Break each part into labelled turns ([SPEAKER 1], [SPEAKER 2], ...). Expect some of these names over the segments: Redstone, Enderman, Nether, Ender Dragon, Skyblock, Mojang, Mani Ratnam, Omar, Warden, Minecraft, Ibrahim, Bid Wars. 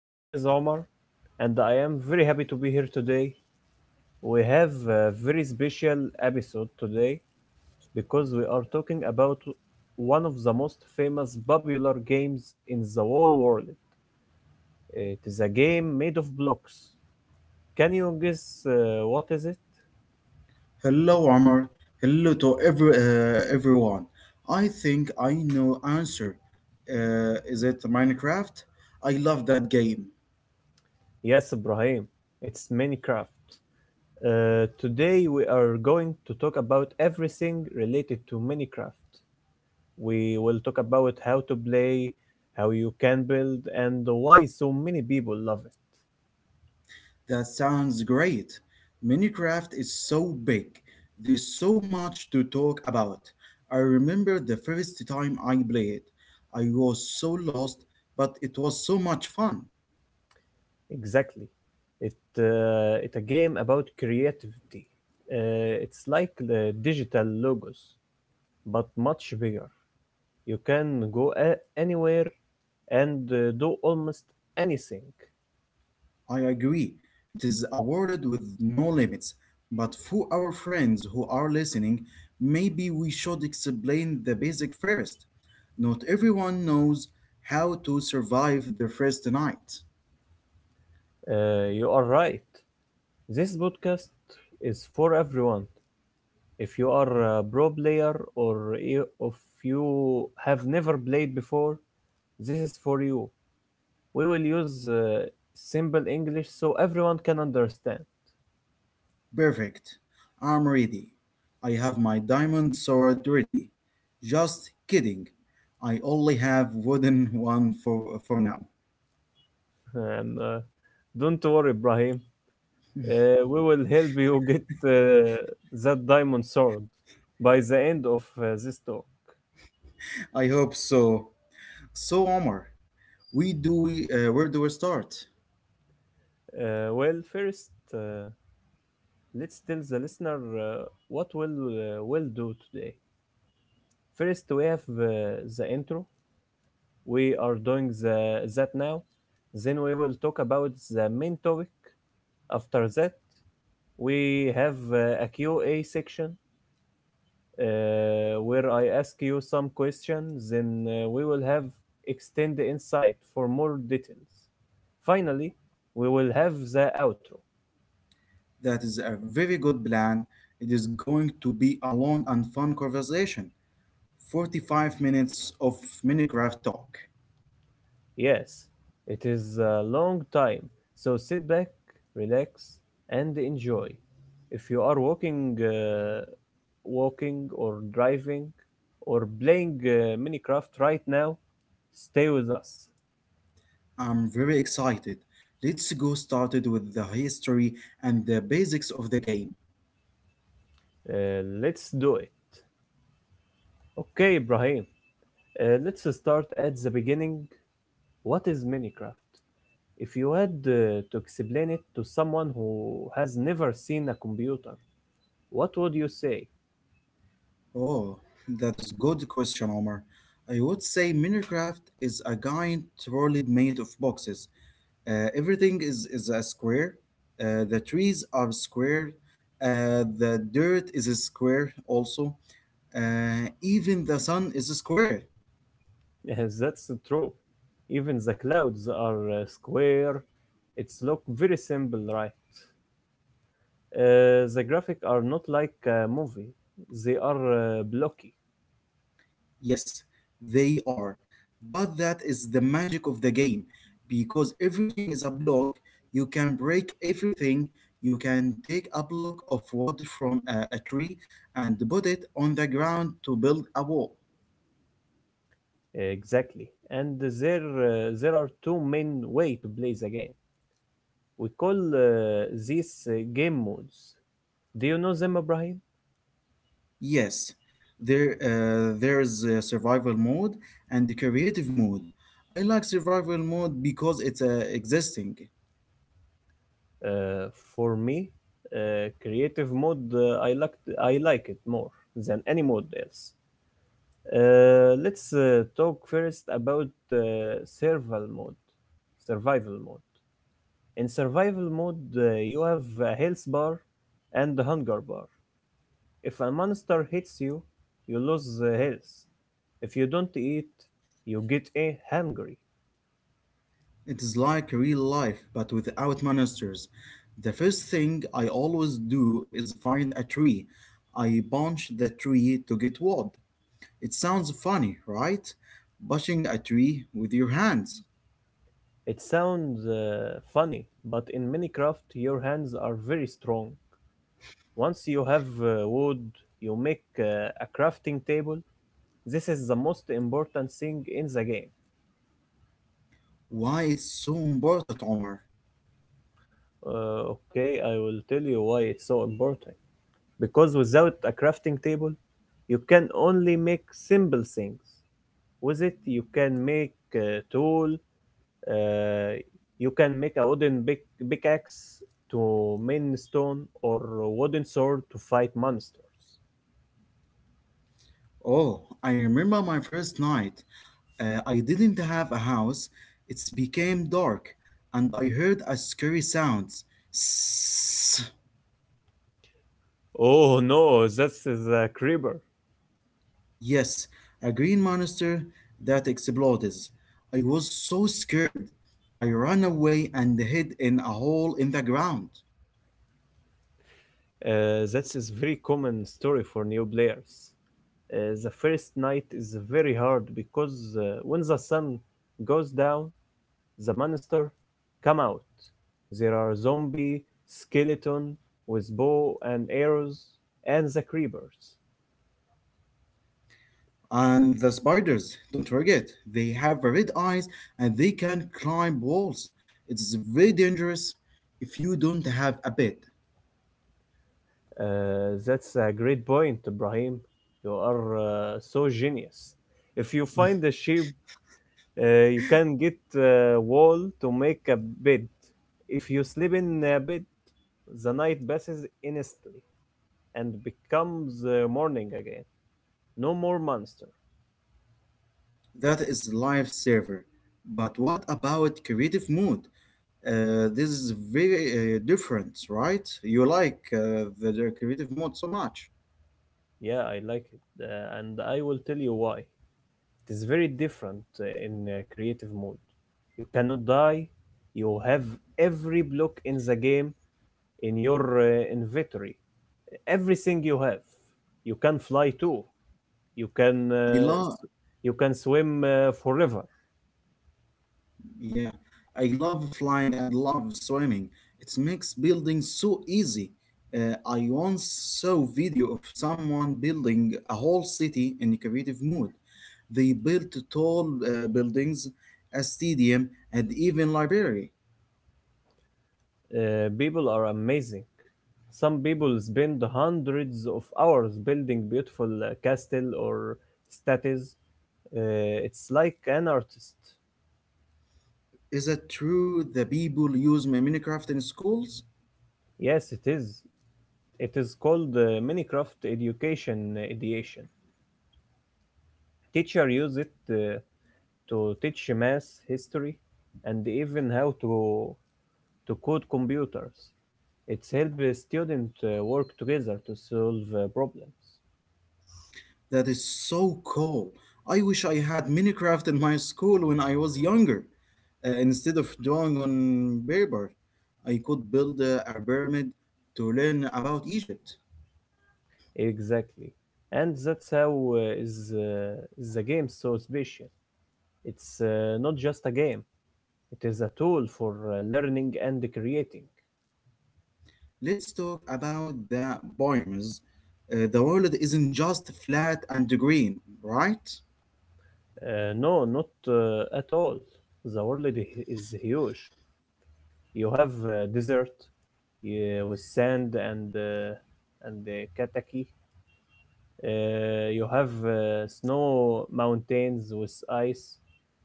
[SPEAKER 1] My name is Omar, and I am very happy to be here today. We have a very special episode today because we are talking about one of the most famous popular games in the whole world. It is a game made of blocks. Can you guess what is it?
[SPEAKER 2] Hello, Omar. Hello to everyone. I think I know answer. Is it Minecraft? I love that game.
[SPEAKER 1] Yes, Ibrahim. It's Minecraft. Today we are going to talk about everything related to Minecraft. We will talk about how to play, how you can build, and why so many people love it.
[SPEAKER 2] That sounds great. Minecraft is so big. There's so much to talk about. I remember the first time I played. I was so lost, but it was so much fun.
[SPEAKER 1] Exactly. It, it's a game about creativity. It's like the digital logos, but much bigger. You can go anywhere and do almost anything.
[SPEAKER 2] I agree. It is awarded with no limits. But for our friends who are listening, maybe we should explain the basic first. Not everyone knows how to survive their first night.
[SPEAKER 1] You are right. This podcast is for everyone. If you are a pro player or if you have never played before, this is for you. We will use simple English so everyone can understand.
[SPEAKER 2] Perfect. I'm ready. I have my diamond sword ready. Just kidding. I only have wooden one for now.
[SPEAKER 1] And don't worry, Ibrahim. We will help you get that diamond sword by the end of this talk.
[SPEAKER 2] I hope so. So Omar, we do where do we start?
[SPEAKER 1] Well, first, let's tell the listener what we'll do today. First, we have the intro. We are doing that now. Then we will talk about the main topic. After that, we have a Q and A section, where I ask you some questions, then we will have extend the insight for more details. Finally, we will have the outro.
[SPEAKER 2] That is a very good plan. It is going to be a long and fun conversation. 45 minutes of Minecraft talk.
[SPEAKER 1] Yes, it is a long time, so sit back, relax, and enjoy. If you are walking or driving, or playing Minecraft right now, stay with us.
[SPEAKER 2] I'm very excited. Let's go started with the history and the basics of the game.
[SPEAKER 1] Let's do it. Okay, Ibrahim, let's start at the beginning. What is Minecraft? If you had to explain it to someone who has never seen a computer, what would you say?
[SPEAKER 2] Oh, that is good question, Omar. I would say Minecraft is a giant world made of boxes. Everything is a square. The trees are square. The dirt is a square also. Even the sun is a square.
[SPEAKER 1] Yes, that's true. Even the clouds are square. It's look very simple, right? The graphics are not like a movie. They are blocky.
[SPEAKER 2] Yes, they are. But that is the magic of the game because everything is a block. You can break everything. You can take a block of wood from a tree and put it on the ground to build a wall.
[SPEAKER 1] Exactly. And there are two main way to play the game. We call these game modes. Do you know them, Ibrahim?
[SPEAKER 2] Yes, there's a survival mode and the creative mode. I like survival mode because it's existing.
[SPEAKER 1] Uh, for me, creative mode, I like it more than any mode else. Let's talk first about survival mode. Survival mode. In survival mode, you have a health bar and a hunger bar. If a monster hits you, you lose the health. If you don't eat, you get hungry.
[SPEAKER 2] It is like real life but without monsters. The first thing I always do is find a tree. I punch the tree to get wood. It sounds funny, right? Punching a tree with your hands.
[SPEAKER 1] It sounds funny, but in Minecraft your hands are very strong. Once you have wood, you make a crafting table. This is the most important thing in the game.
[SPEAKER 2] Why it's so important, Omar?
[SPEAKER 1] Okay, I will tell you why it's so important. Because without a crafting table, you can only make simple things. With it, you can make a tool, Uh, you can make a wooden pickaxe to mine stone or a wooden sword to fight monsters.
[SPEAKER 2] Oh, I remember my first night. I didn't have a house. It became dark, and I heard a scary sound. Sss.
[SPEAKER 1] Oh no, that's the creeper.
[SPEAKER 2] Yes, a green monster that exploded. I was so scared. I ran away and hid in a hole in the ground.
[SPEAKER 1] That is very common story for new players. The first night is very hard because when the sun goes down, the monster come out. There are zombie, skeleton with bow and arrows, and the creepers.
[SPEAKER 2] And the spiders, don't forget, they have red eyes and they can climb walls. It's very dangerous if you don't have a bed.
[SPEAKER 1] That's a great point, Ibrahim. You are so genius. If you find a sheep, you can get a wall to make a bed. If you sleep in a bed, the night passes instantly and becomes morning again. No more monster.
[SPEAKER 2] That is lifesaver. But what about creative mood? This is very different, right? You like the creative mode so much.
[SPEAKER 1] Yeah, I like it, and I will tell you why. It is very different in creative mode. You cannot die. You have every block in the game in your inventory. Everything you have, you can fly too. You can
[SPEAKER 2] I
[SPEAKER 1] uh,
[SPEAKER 2] love,
[SPEAKER 1] you can swim forever.
[SPEAKER 2] yeah, I love flying and love swimming. It makes building so easy. I once saw video of someone building a whole city in creative mood. They built tall buildings, a stadium, and even library.
[SPEAKER 1] People are amazing. Some people spend hundreds of hours building beautiful castle or statues. It's like an artist.
[SPEAKER 2] Is that true? The people use Minecraft in schools?
[SPEAKER 1] Yes it is. It is called Minecraft Education Ideation. Teacher use it to teach math, history, and even how to code computers. It's helped the student work together to solve problems.
[SPEAKER 2] That is so cool. I wish I had Minecraft in my school when I was younger. Instead of drawing on paper, I could build a pyramid to learn about Egypt.
[SPEAKER 1] Exactly. And that's how is the game so special. It's not just a game. It is a tool for learning and creating.
[SPEAKER 2] Let's talk about the pyramids. The world isn't just flat and green, right?
[SPEAKER 1] No, not at all. The world is huge. You have desert with sand and kataki. You have snow mountains with ice.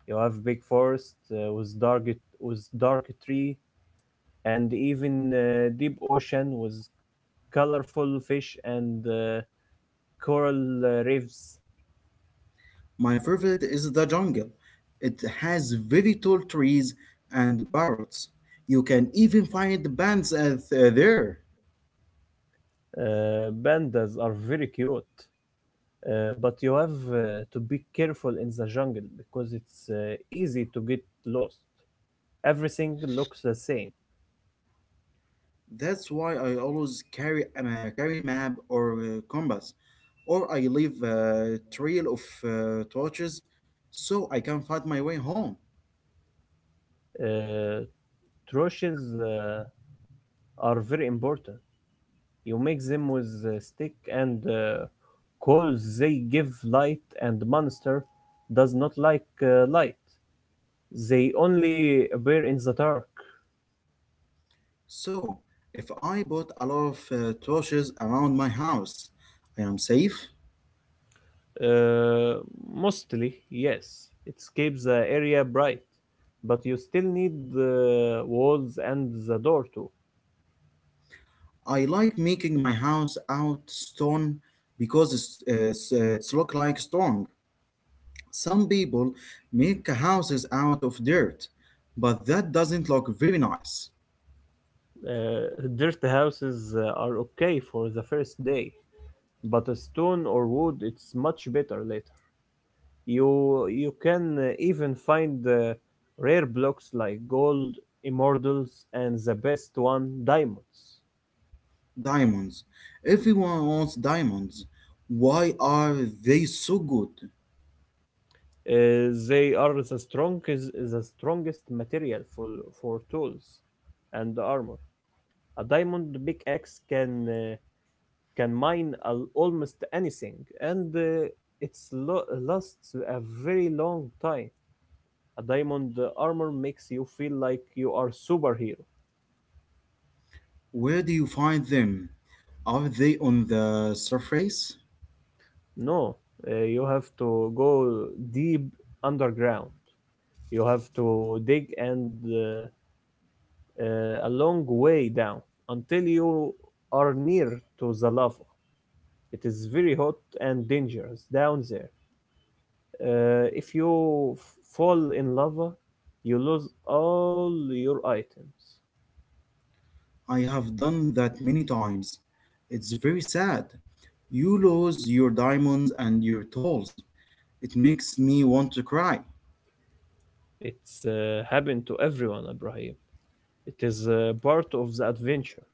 [SPEAKER 1] You have big forest with dark tree, and even deep ocean with colorful fish and coral reefs.
[SPEAKER 2] My favorite is the jungle. It has very tall trees and parrots. You can even find bands at, there.
[SPEAKER 1] Pandas are very cute, but you have to be careful in the jungle because it's easy to get lost. Everything looks the same.
[SPEAKER 2] That's why I always carry a carry map or compass, or I leave a trail of torches so I can find my way home.
[SPEAKER 1] Uh, Trushes are very important. You mix them with stick and coals. They give light, and the monster does not like light. They only appear in the dark.
[SPEAKER 2] So, if I bought a lot of torches around my house, I am safe.
[SPEAKER 1] Uh, Mostly, yes. It keeps the area bright, but you still need the walls and the door too.
[SPEAKER 2] I like making my house out stone because it's look like stone. Some people make houses out of dirt, but that doesn't look very nice.
[SPEAKER 1] Dirt houses are okay for the first day, but a stone or wood it's much better later. You can even find rare blocks like gold, immortals, and the best one, diamonds.
[SPEAKER 2] Diamonds. Everyone wants diamonds. Why are they so good?
[SPEAKER 1] They are the strongest material for tools and armor. A diamond pickaxe can mine almost anything, and it's lasts a very long time. A diamond armor makes you feel like you are superhero.
[SPEAKER 2] Where do you find them? Are they on the surface?
[SPEAKER 1] No, you have to go deep underground. You have to dig and a long way down until you are near to the lava. It is very hot and dangerous down there. If you fall in lava, you lose all your items.
[SPEAKER 2] I have done that many times. It's very sad. You lose your diamonds and your tools. It makes me want to cry.
[SPEAKER 1] It's happened to everyone, Ibrahim. It is part of the adventure.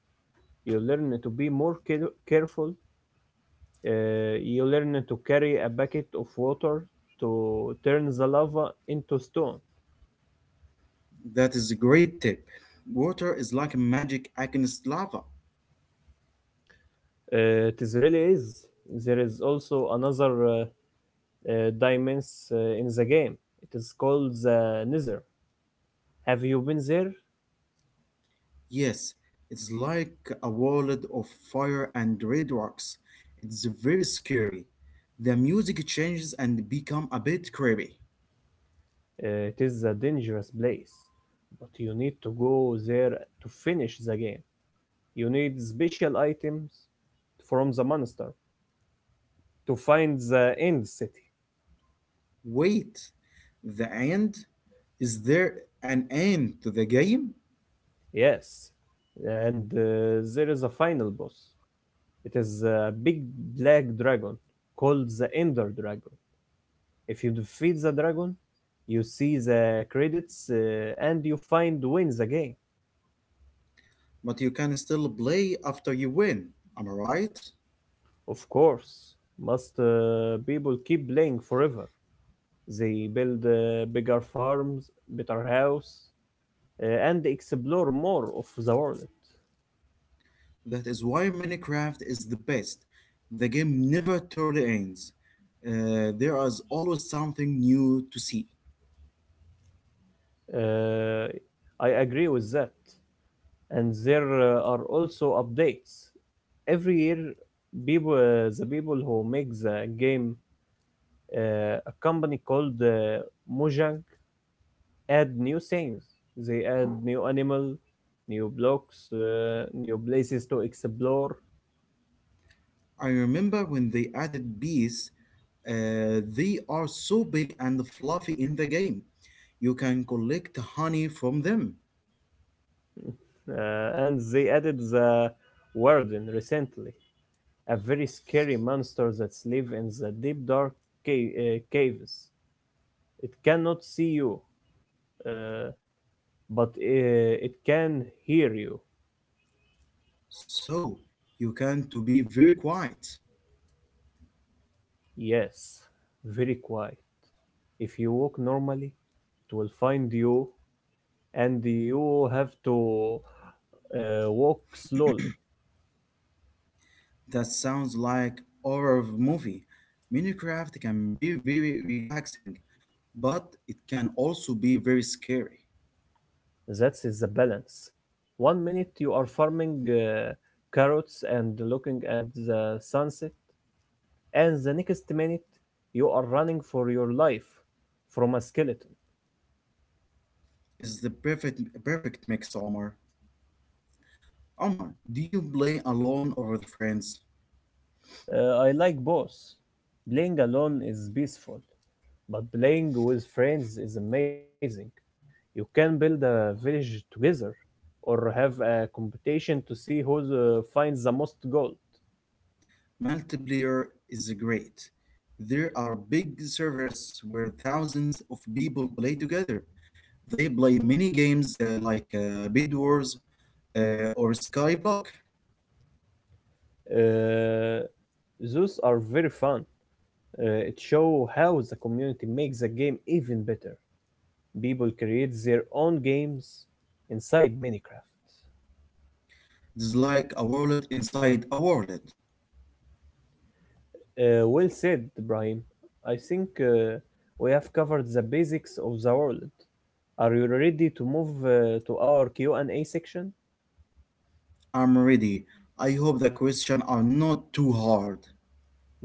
[SPEAKER 1] You learn to be more careful. You learn to carry a bucket of water to turn the lava into stone.
[SPEAKER 2] That is a great tip. Water is like magic against lava.
[SPEAKER 1] It is really is. There is also another dimension in the game. It is called the Nether. Have you been there?
[SPEAKER 2] Yes, it's like a wallet of fire and red rocks. It's very scary. The music changes and become a bit creepy.
[SPEAKER 1] It is a dangerous place, but you need to go there to finish the game. You need special items from the monster to find the end city.
[SPEAKER 2] Wait, the end? Is there an end to the game?
[SPEAKER 1] Yes, and there is a final boss. It is a big black dragon called the Ender Dragon. If you defeat the dragon, you see the credits and you find win the game.
[SPEAKER 2] But you can still play after you win. Am I right?
[SPEAKER 1] Of course, must people keep playing forever. They build bigger farms, better house, and explore more of the world.
[SPEAKER 2] That is why Minecraft is the best. The game never totally ends. There is always something new to see.
[SPEAKER 1] Uh, I agree with that. And there are also updates every year. People uh, the people who make the game, a company called Mojang, add new things. They add new animal, new blocks, new places to explore.
[SPEAKER 2] I remember when they added bees, they are so big and fluffy in the game. You can collect honey from them.
[SPEAKER 1] And they added the warden recently, a very scary monster that lives in the deep dark caves. It cannot see you uh, But uh, it can hear you.
[SPEAKER 2] So you can to be very quiet.
[SPEAKER 1] Yes, very quiet. If you walk normally, it will find you, and you have to walk slowly.
[SPEAKER 2] That sounds like horror movie. Minecraft can be very relaxing, but it can also be very scary.
[SPEAKER 1] That is the balance. One minute you are farming carrots and looking at the sunset, and the next minute you are running for your life from a skeleton.
[SPEAKER 2] Is the perfect mix, Omar. Omar, do you play alone or with friends?
[SPEAKER 1] I like both. Playing alone is peaceful, but playing with friends is amazing. You can build a village together or have a competition to see who finds the most gold.
[SPEAKER 2] Multiplayer is great. There are big servers where thousands of people play together. They play mini games like Bid Wars or Skyblock.
[SPEAKER 1] Uh, those are very fun. It shows how the community makes the game even better. People create their own games inside Minecraft.
[SPEAKER 2] It's like a wallet inside a wallet.
[SPEAKER 1] Well said, Brian. I think we have covered the basics of the world. Are you ready to move to our Q&A section?
[SPEAKER 2] I'm ready. I hope the questions are not too hard.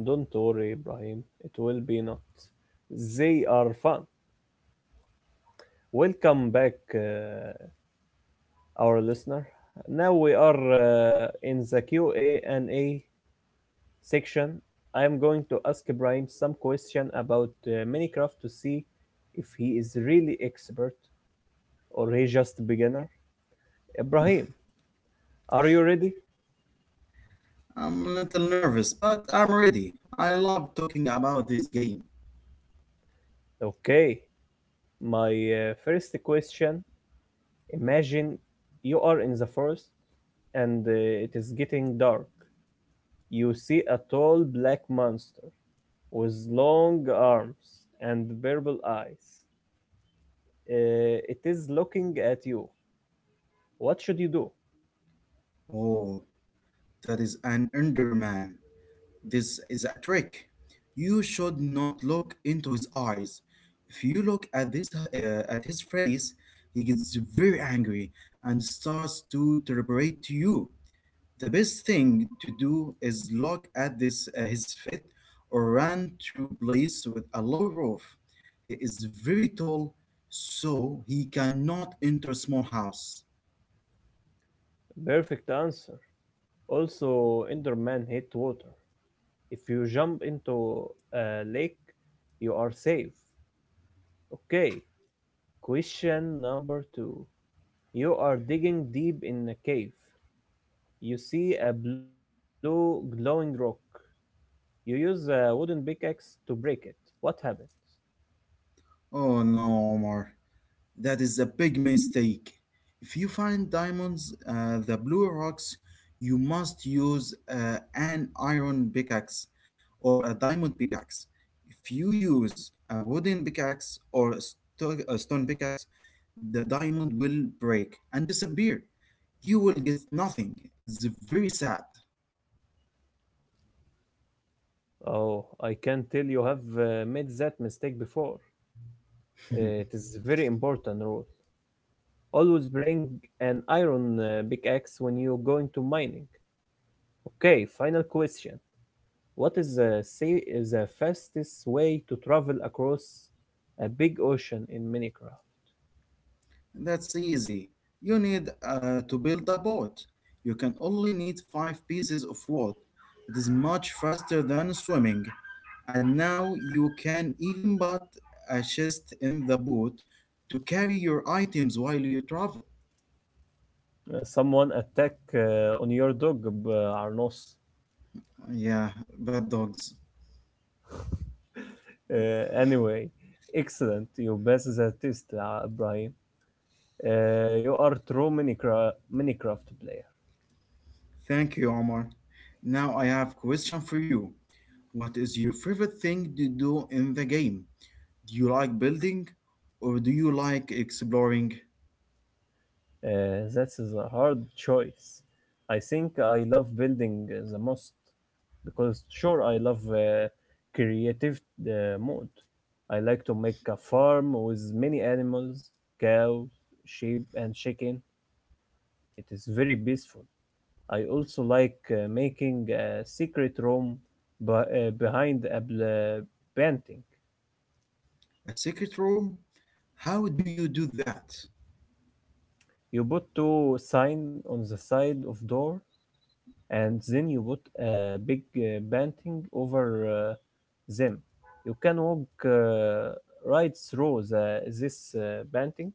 [SPEAKER 1] Don't worry, Ibrahim. It will be not. They are fun. Welcome back, our listener. Now we are in the Q&A section. I am going to ask Ibrahim some question about Minecraft to see if he is really expert or he just beginner. Ibrahim, are you ready?
[SPEAKER 2] I'm a little nervous, but I'm ready. I love talking about this game.
[SPEAKER 1] Okay. My first question. Imagine you are in the forest and it is getting dark. You see a tall black monster with long arms and purple eyes. It is looking at you. What should you do?
[SPEAKER 2] Oh, that is an Enderman. This is a trick. You should not look into his eyes. If you look at this at his face, he gets very angry and starts to reverberate to you. The best thing to do is look at this his feet or run to place with a low roof. He is very tall, so he cannot enter small house.
[SPEAKER 1] Perfect answer. Also, Enderman hate water. If you jump into a lake, you are safe. Okay, question number two. You are digging deep in a cave. You see a blue glowing rock. You use a wooden pickaxe to break it. What happens?
[SPEAKER 2] Oh no, Omar. That is a big mistake. If you find diamonds, the blue rocks, you must use an iron pickaxe or a diamond pickaxe. If you use a wooden pickaxe or a stone pickaxe, the diamond will break and disappear. You will get nothing. It's very sad.
[SPEAKER 1] Oh, I can tell you have made that mistake before. It is very important rule. Always bring an iron pickaxe when you go into mining. Okay, final question. What is the fastest way to travel across a big ocean in Minecraft?
[SPEAKER 2] That's easy. You need to build a boat. You can only need five pieces of wood. It is much faster than swimming. And now you can even put a chest in the boat to carry your items while you travel.
[SPEAKER 1] Someone attack on your dog, Arnos.
[SPEAKER 2] Yeah, bad dogs.
[SPEAKER 1] Anyway, excellent. You best the test, Brian. You are true Minecraft player.
[SPEAKER 2] Thank you, Omar. Now I have question for you. What is your favorite thing to do in the game? Do you like building or do you like exploring?
[SPEAKER 1] That is a hard choice. I think I love building the most because sure I love creative mode. I like to make a farm with many animals, cows, sheep, and chicken. It is very peaceful. I also like making a secret room behind a painting.
[SPEAKER 2] A secret room? How do you do that?
[SPEAKER 1] You put two sign on the side of door, and then you put a big painting over them. You can walk right through this painting.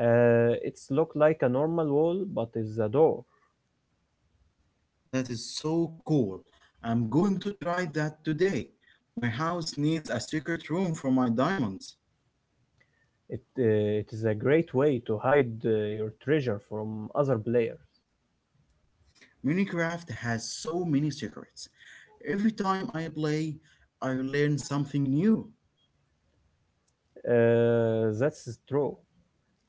[SPEAKER 1] It's look like a normal wall, but it's a door.
[SPEAKER 2] That is so cool. I'm going to try that today. My house needs a secret room for my diamonds.
[SPEAKER 1] It, uh, it is a great way to hide your treasure from other players.
[SPEAKER 2] Minecraft has so many secrets. Every time I play, I learn something new.
[SPEAKER 1] That's true.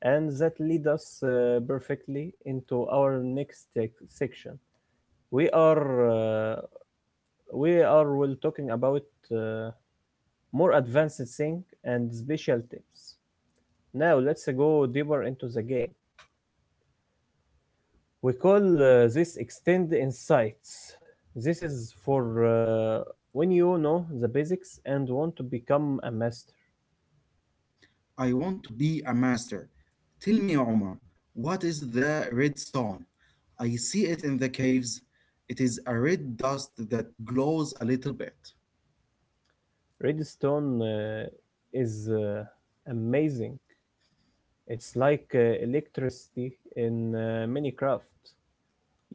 [SPEAKER 1] And that lead us perfectly into our next section. We are uh, we are will talking about uh, more advanced thing and special tips. Now let's go deeper into the game. We call this extend insights. This is for when you know the basics and want to become a master.
[SPEAKER 2] I want to be a master. Tell me, Omar, what is the redstone? I see it in the caves. It is a red dust that glows a little bit.
[SPEAKER 1] Redstone is amazing. It's like electricity in Minecraft.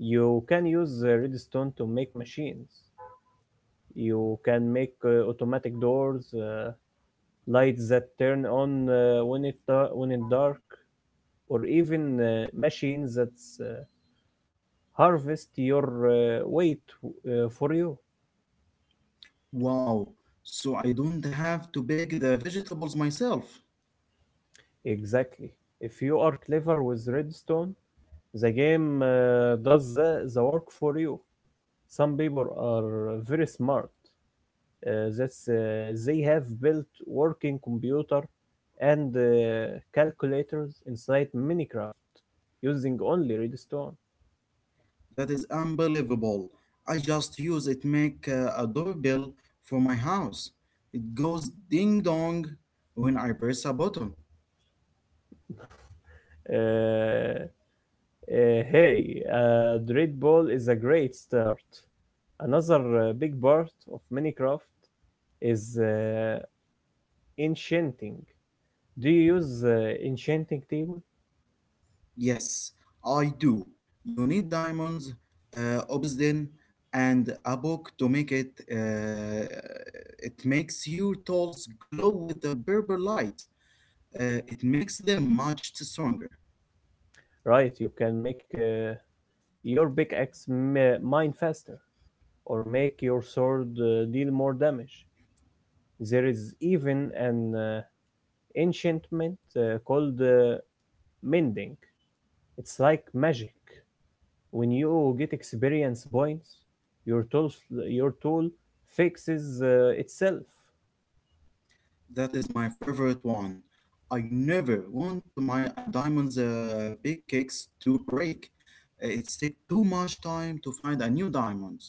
[SPEAKER 1] You can use redstone to make machines. You can make automatic doors, lights that turn on when it when it's dark, or even machines that uh, harvest your weight for you.
[SPEAKER 2] Wow, so I don't have to pick the vegetables myself.
[SPEAKER 1] Exactly. If you are clever with redstone, the game does the work for you. Some people are very smart that's they have built working computer and calculators inside Minecraft using only redstone.
[SPEAKER 2] That is unbelievable. I just use it make a doorbell for my house. It goes ding dong when I press a button.
[SPEAKER 1] Uh, hey, Dread Ball is a great start. Another big part of Minecraft is enchanting. Do you use enchanting table?
[SPEAKER 2] Yes, I do. You need diamonds, obsidian, and a book to make it. It makes your tools glow with a purple light. It makes them much stronger.
[SPEAKER 1] Right, you can make your pickaxe mine faster or make your sword deal more damage. There is even an enchantment called mending. It's like magic. When you get experience points, your tool fixes itself.
[SPEAKER 2] That is my favorite one. I never want to my diamonds big cakes to break. It take too much time to find a new diamond.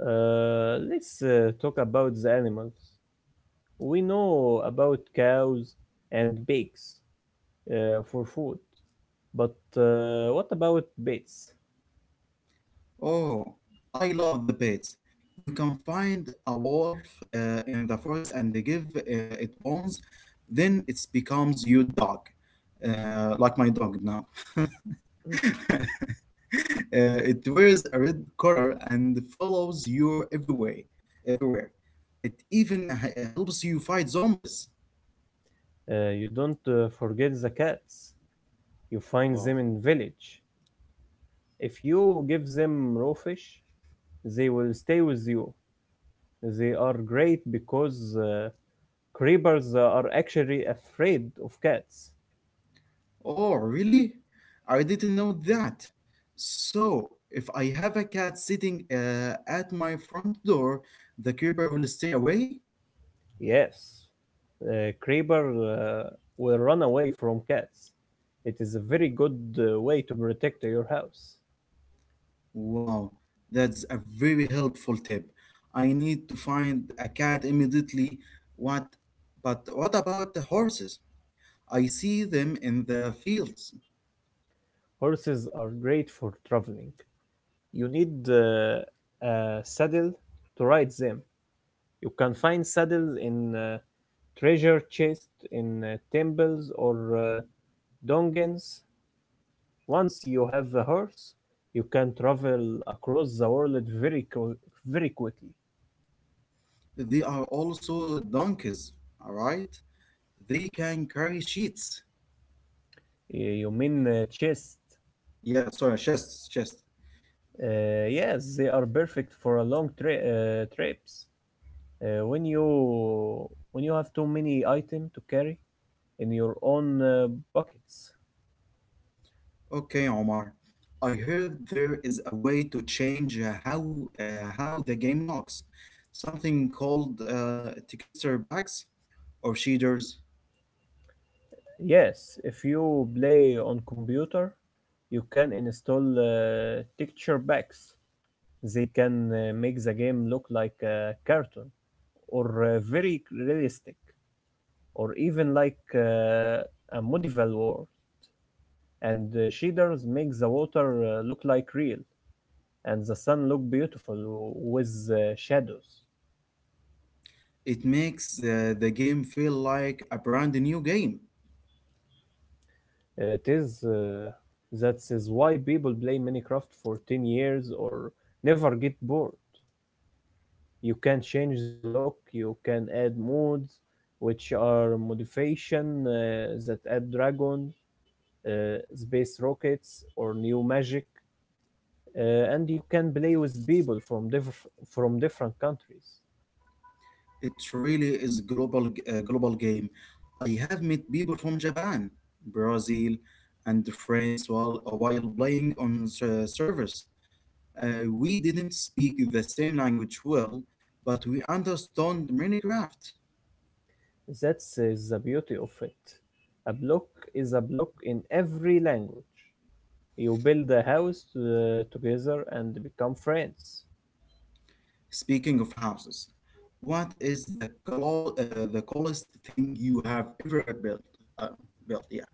[SPEAKER 1] Let's talk about the animals. We know about cows and pigs for food, but what about bats?
[SPEAKER 2] Oh, I love the pets. You can find a wolf in the forest and they give it bones, then it becomes your dog, like my dog now. It wears a red collar and follows you everywhere. Everywhere. It even helps you fight zombies.
[SPEAKER 1] You don't forget the cats. You find
[SPEAKER 2] Oh,
[SPEAKER 1] them in village. If you give them raw fish, they will stay with you. They are great because creepers are actually afraid of cats.
[SPEAKER 2] Oh, really? I didn't know that. So, if I have a cat sitting at my front door, the keeper will stay away?
[SPEAKER 1] Yes, creeper will run away from cats. It is a very good way to protect your house.
[SPEAKER 2] Wow, that's a very helpful tip. I need to find a cat immediately. What? But what about the horses? I see them in the fields.
[SPEAKER 1] Horses are great for traveling. You need a saddle to ride them. You can find saddles in treasure chests in temples or Dongens, once you have a horse, you can travel across the world very qu- very quickly.
[SPEAKER 2] They are also donkeys, all right? They can carry sheets.
[SPEAKER 1] You mean chest?
[SPEAKER 2] Yeah, sorry, chests, chests.
[SPEAKER 1] Yes, they are perfect for a long trips. Uh, when you when you have too many items to carry in your own buckets.
[SPEAKER 2] Okay, Omar. I heard there is a way to change uh, how the game looks. Something called texture packs or shaders.
[SPEAKER 1] Yes, if you play on computer, you can install texture packs. They can make the game look like a cartoon or very realistic or even like a medieval world. And shaders make the water look like real and the sun look beautiful with shadows.
[SPEAKER 2] It makes the game feel like a brand new game.
[SPEAKER 1] It is that is why people play Minecraft for 10 years or never get bored. You can change the look, you can add modes, which are modification that add dragon space rockets or new magic, and you can play with people from different countries.
[SPEAKER 2] It really is global game. I have met people from Japan, Brazil, and France while playing on servers. We didn't speak the same language well, but we understand Minecraft.
[SPEAKER 1] That's the beauty of it. A block is a block in every language. You build a house together and become friends.
[SPEAKER 2] Speaking of houses, what is the the coolest thing you have ever built? Uh, built, yeah.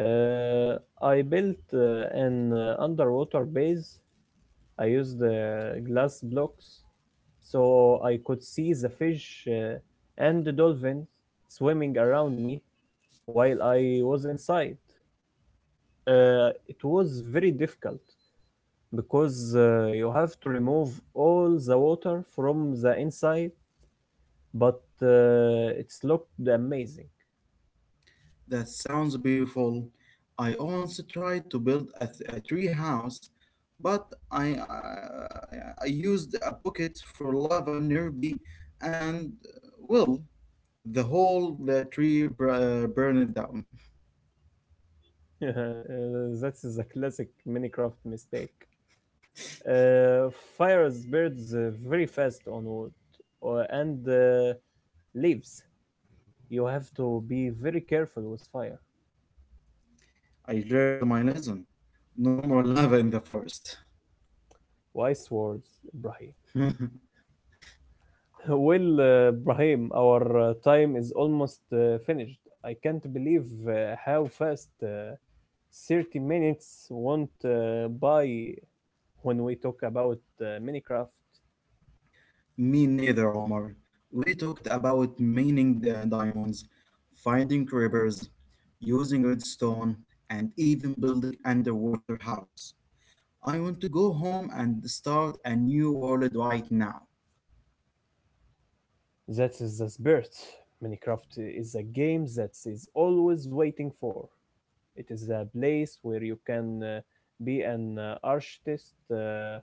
[SPEAKER 1] Uh, I built an underwater base. I used glass blocks so I could see the fish and the dolphins swimming around me, while I was inside. It was very difficult because you have to remove all the water from the inside, but it's looked amazing.
[SPEAKER 2] That sounds beautiful. I once tried to build a, a tree house, but I used a bucket for lava nearby, and well, the whole the tree br- burned down.
[SPEAKER 1] That's a classic Minecraft mistake. Uh, Fires birds very fast on wood and leaves. You have to be very careful with fire.
[SPEAKER 2] I learned my lesson. No more lava in the forest.
[SPEAKER 1] Why swords, Ibrahim? Well, Brahim, our time is almost finished. I can't believe how fast 30 minutes went by when we talk about Minecraft.
[SPEAKER 2] Me neither, Omar. We talked about mining diamonds, finding rivers, using redstone, and even building underwater houses. I want to go home and start a new world right now.
[SPEAKER 1] That is the spirit. Minecraft is a game that is always waiting for. It is a place where you can be an architect uh,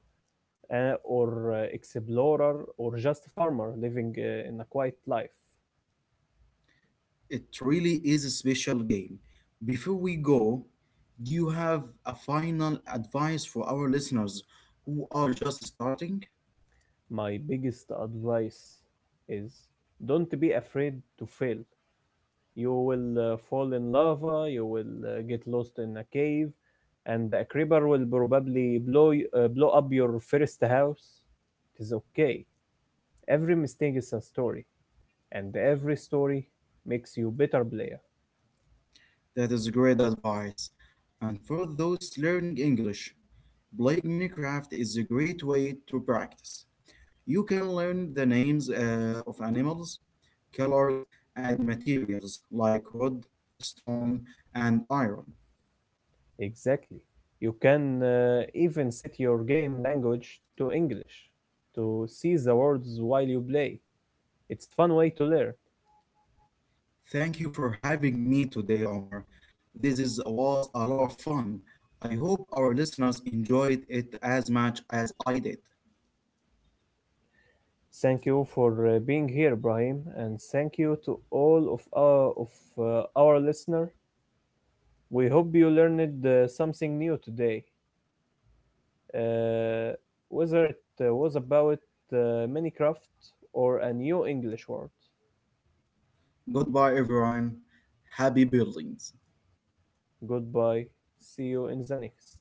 [SPEAKER 1] uh, or explorer or just a farmer living in a quiet life.
[SPEAKER 2] It really is a special game. Before we go, do you have a final advice for our listeners who are just starting?
[SPEAKER 1] My biggest advice is don't be afraid to fail. You will fall in lava, you will get lost in a cave, and a creeper will probably blow up your first house. It is okay. Every mistake is a story, and every story makes you better player.
[SPEAKER 2] That is great advice. And for those learning English, playing Minecraft is a great way to practice. You can learn the names of animals, colors, and materials like wood, stone, and iron.
[SPEAKER 1] Exactly. You can even set your game language to English to see the words while you play. It's fun way to learn.
[SPEAKER 2] Thank you for having me today, Omar. This is, was a lot of fun. I hope our listeners enjoyed it as much as I did.
[SPEAKER 1] Thank you for being here, Ibrahim, and thank you to all of our listener. We hope you learned something new today, uh, whether it was about Minecraft or a new English word.
[SPEAKER 2] Goodbye, everyone. Happy buildings.
[SPEAKER 1] Goodbye. See you in the next.